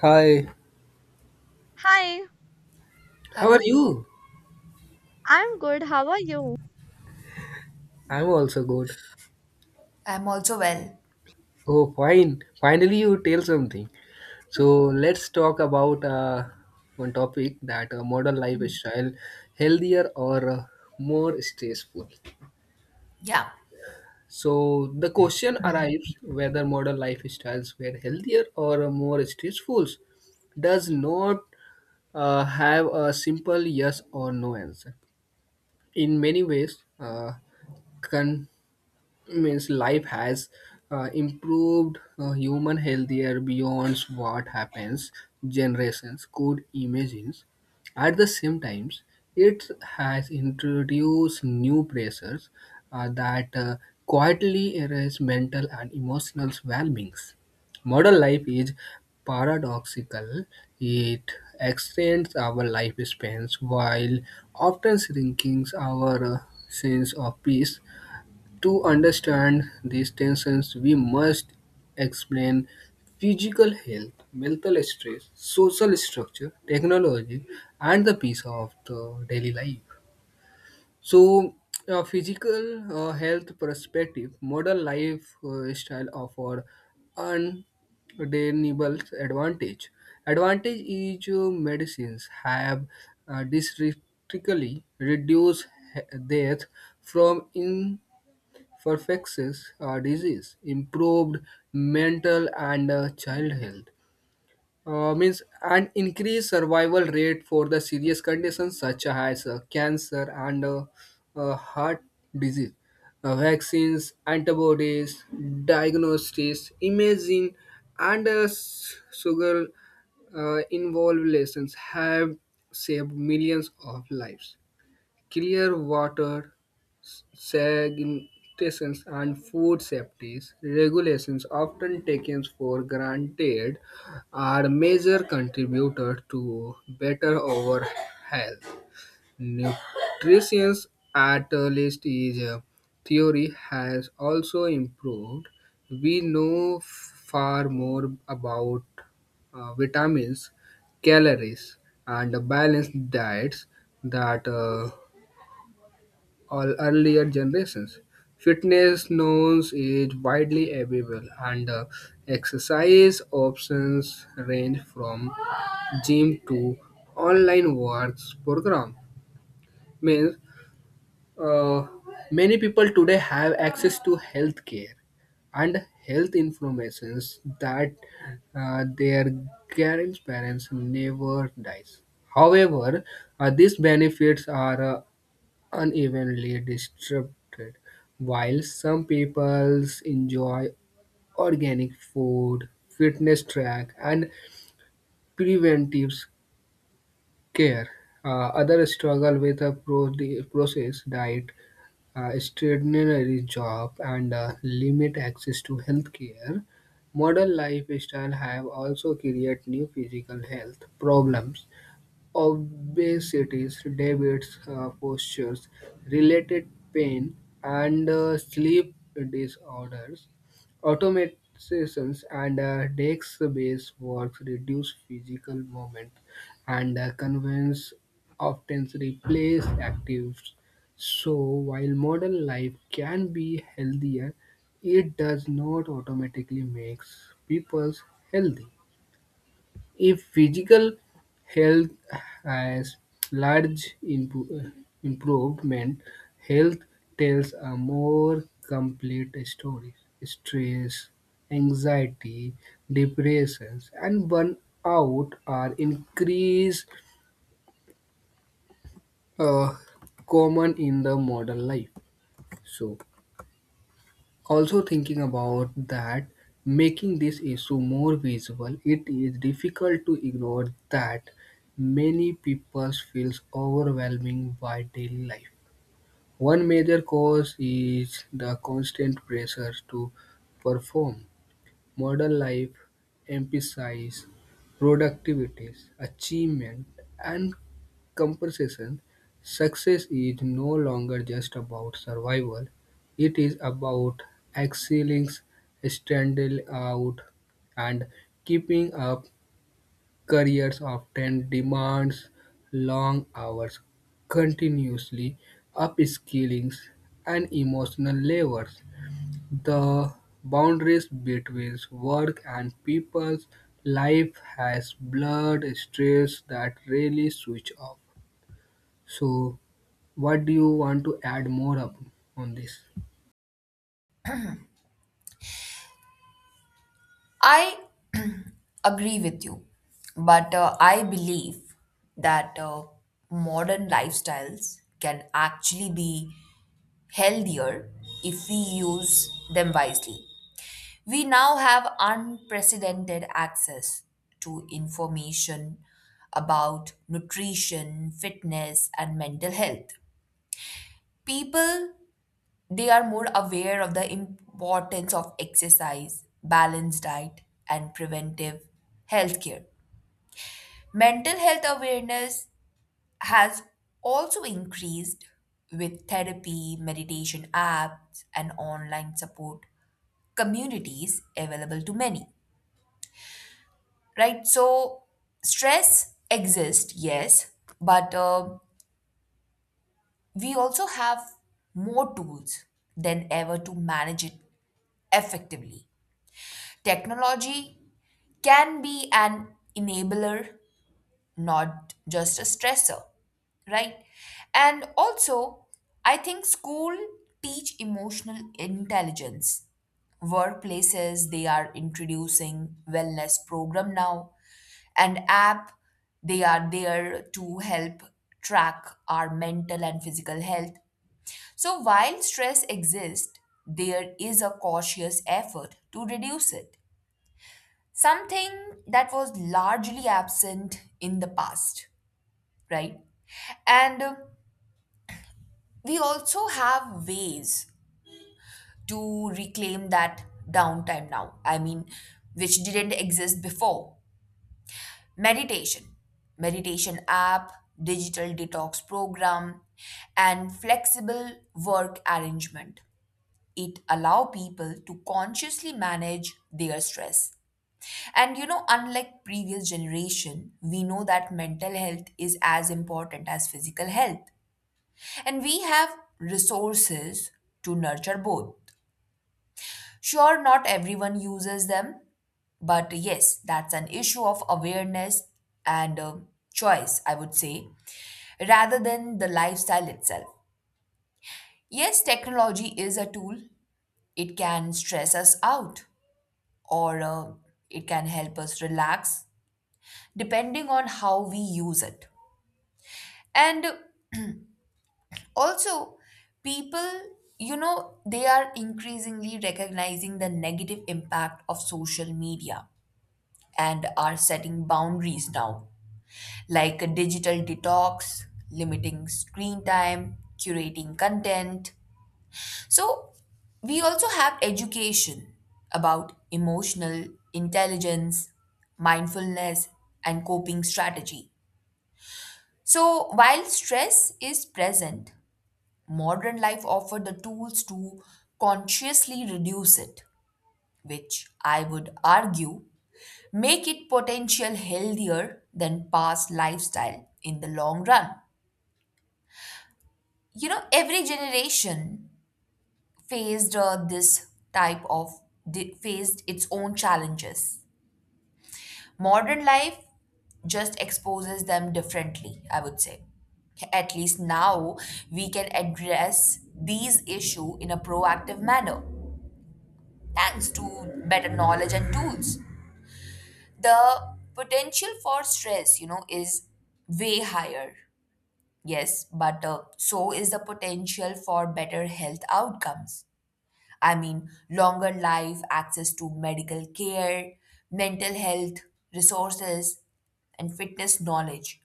Hi, Hi, how are Hello, you? I'm good. How are you? I'm also good. I'm also well. Oh, fine. Finally, you tell something. So let's talk about one topic that modern lifestyle healthier or more stressful. Yeah, So the question arrives whether modern lifestyles were healthier or more stressful does not have a simple yes or no answer. In many ways, con- means life has improved human healthier beyond what happens generations could imagine. At the same times, it has introduced new pressures that quietly erase mental and emotional well-beings. Modern life is paradoxical. It extends our lifespans while often shrinking our sense of peace. To understand these tensions, we must explain physical health, mental stress, social structure, technology, and the piece of the daily life. So, a physical health perspective, modern life style offer undeniable advantage. Advantage is medicines have drastically reduced death from for infectious disease, improved mental and child health. Means an increased survival rate for the serious conditions such as cancer and heart disease. Vaccines, antibodies, diagnostics, imaging, and sugar involved lessons have saved millions of lives. Clear water, sanitations and food safety regulations often taken for granted are major contributors to better overall health. Nutrition, at least is a theory, has also improved. We know far more about vitamins, calories, and balanced diets that all earlier generations. Fitness knows is widely available, and exercise options range from gym to online works program. Means uh, many people today have access to healthcare and health informations that their grandparents never dies. However, these benefits are unevenly distributed. While some peoples enjoy organic food, fitness track, and preventive care, others struggle with a processed diet, extraordinary job, and limit access to healthcare. Modern lifestyle have also created new physical health problems: obesities, diabetes, postures, related pain, and sleep disorders. Automatizations and desk-based work reduce physical movement, and convenience often replace active. So, while modern life can be healthier, it does not automatically makes people healthy. If physical health has large improvement, health tells a more complete story. Stress, anxiety, depressions, and burnout are increased uh, common in the modern life. So, also thinking about that, making this issue more visible, it is difficult to ignore that many people feels overwhelming by daily life. One major cause is the constant pressure to perform. Modern life emphasizes productivity, achievement, and compensation. Success is no longer just about survival, it is about excelling, standing out, and keeping up. Careers often demands long hours, continuously upskilling, and emotional labor. The boundaries between work and people's life has blurred streets that really switch off. So, what do you want to add more up on this? I agree with you, but I believe that modern lifestyles can actually be healthier if we use them wisely. We now have unprecedented access to information about nutrition, fitness, and mental health. People They are more aware of the importance of exercise, balanced diet, and preventive health care. Mental health awareness has also increased with therapy, meditation apps, and online support communities available to many. Right? So, stress exists, yes, but we also have more tools than ever to manage it effectively. Technology can be an enabler, not just a stressor, right? And also, I think school teach emotional intelligence. Workplaces, they are introducing wellness program now. And app, they are there to help track our mental and physical health. So while stress exists, there is a cautious effort to reduce it, something that was largely absent in the past, right? And We also have ways to reclaim that downtime now, I mean, which didn't exist before. Meditation, meditation app, digital detox program, and flexible work arrangement. It allow people to consciously manage their stress. And you know, unlike previous generation, we know that mental health is as important as physical health. And we have resources to nurture both. Sure, not everyone uses them, but yes, that's an issue of awareness and choice, I would say, rather than the lifestyle itself. Yes, technology is a tool, it can stress us out or it can help us relax, depending on how we use it. And also, people, you know, they are increasingly recognizing the negative impact of social media and are setting boundaries now, like a digital detox, limiting screen time, curating content. So, we also have education about emotional intelligence, mindfulness, and coping strategy. So, while stress is present, modern life offered the tools to consciously reduce it, which I would argue make it potential healthier than past lifestyle in the long run. You know, every generation faced this type of di- faced its own challenges. Modern life just exposes them differently, I would say. At least now we can address these issue in a proactive manner, thanks to better knowledge and tools. The potential for stress, you know, is way higher, yes, but so is the potential for better health outcomes. I mean, longer life, access to medical care, mental health resources, and fitness knowledge.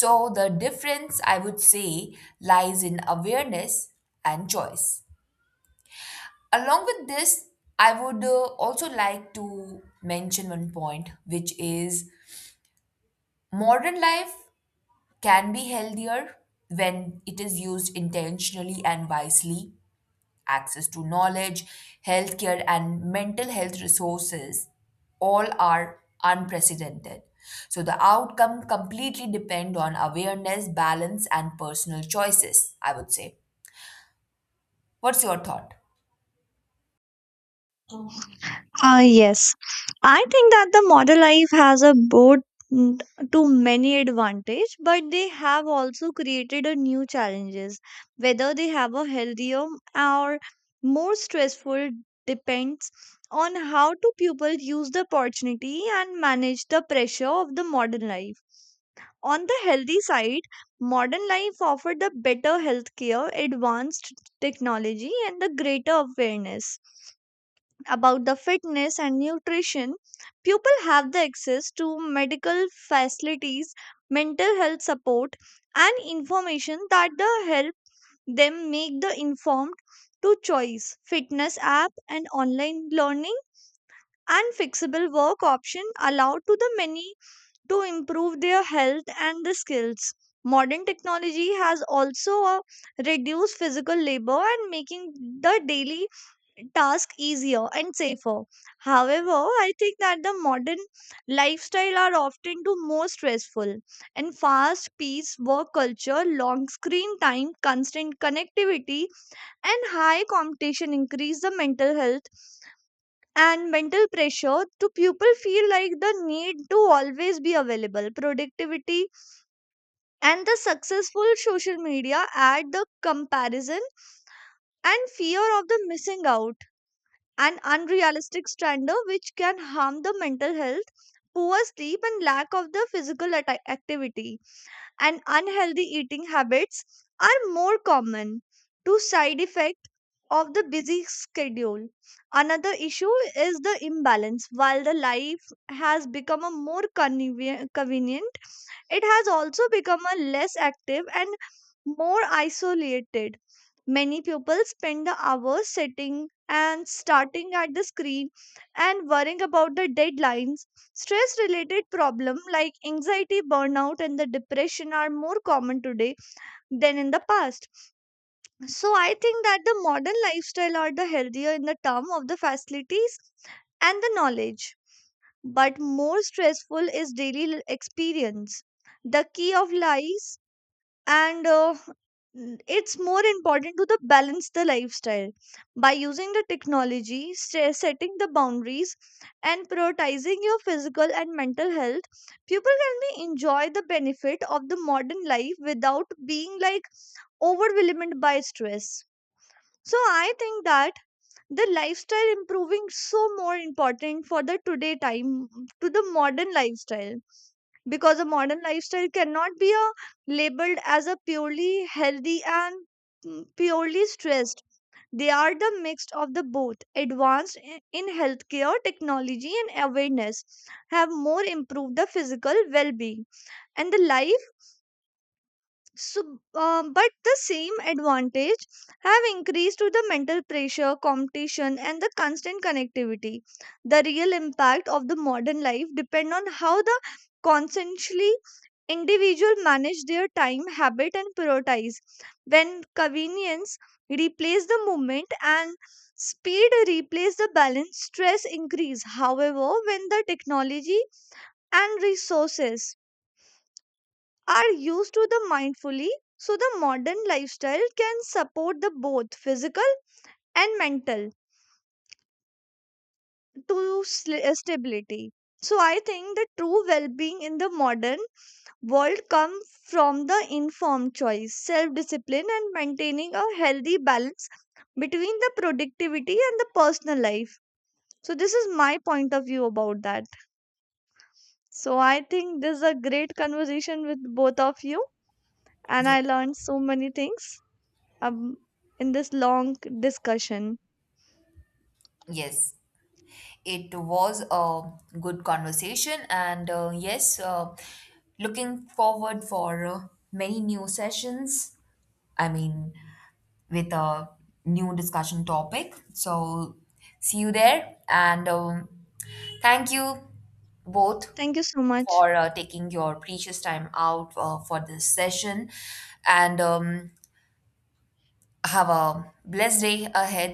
So the difference, I would say, lies in awareness and choice. Along with this, I would also like to mention one point, which is modern life can be healthier when it is used intentionally and wisely. Access to knowledge, healthcare, and mental health resources all are unprecedented. So the outcome completely depend on awareness, balance, and personal choices, I would say. What's your thought? Yes, I think that the modern life has a boat mm, to many advantage, but they have also created a new challenges. Whether they have a healthier or more stressful depends on how do people use the opportunity and manage the pressure of the modern life. On the healthy side, modern life offered the better healthcare, advanced technology, and the greater awareness about the fitness and nutrition people have the access to medical facilities mental health support and information that the help them make the informed to choice fitness app and online learning and flexible work option allow to the many to improve their health and the skills. Modern technology has also reduced physical labor and making the daily task easier and safer. However, I think that the modern lifestyle are often too more stressful and fast paced work culture, long screen time, constant connectivity and high competition increase the mental health and mental pressure to people feel like the need to always be available productivity and the successful social media add the comparison and fear of the missing out an unrealistic standard which can harm the mental health poor sleep and lack of the physical activity and unhealthy eating habits are more common. Two side effect of the busy schedule another issue is the imbalance while the life has become a more convenient it has also become a less active and more isolated. Many people spend the hours sitting and starting at the screen and worrying about the deadlines. Stress related problems like anxiety, burnout, and the depression are more common today than in the past. So I think that the modern lifestyle are the healthier in the term of the facilities and the knowledge but more stressful is daily experience. The key of lies and uh, it's more important to the balance the lifestyle by using the technology setting the boundaries and prioritizing your physical and mental health people can be enjoy the benefit of the modern life without being like overwhelmed by stress so I think that the lifestyle improving so more important for the today time to the modern lifestyle because a modern lifestyle cannot be a, labeled as a purely healthy and purely stressed they are the mixed of the both advanced in healthcare technology and awareness have more improved the physical well-being and the life so, but the same advantage have increased to the mental pressure, competition, and the constant connectivity. The real impact of the modern life depend on how the consciously individual manage their time, habit, and prioritize. When convenience replace the movement and speed replace the balance, stress increase. However, when the technology and resources are used to the mindfully so the modern lifestyle can support the both physical and mental to stability so I think the true well-being in the modern world come from the informed choice self-discipline and maintaining a healthy balance between the productivity and the personal life so this is my point of view about that so I think this is a great conversation with both of you and I Yes. learned so many things um, in this long discussion. Yes. It was a good conversation, and yes, looking forward for many new sessions. I mean, with a new discussion topic. So, see you there, and thank you both Thank you so much. for taking your precious time out for this session, and have a blessed day ahead.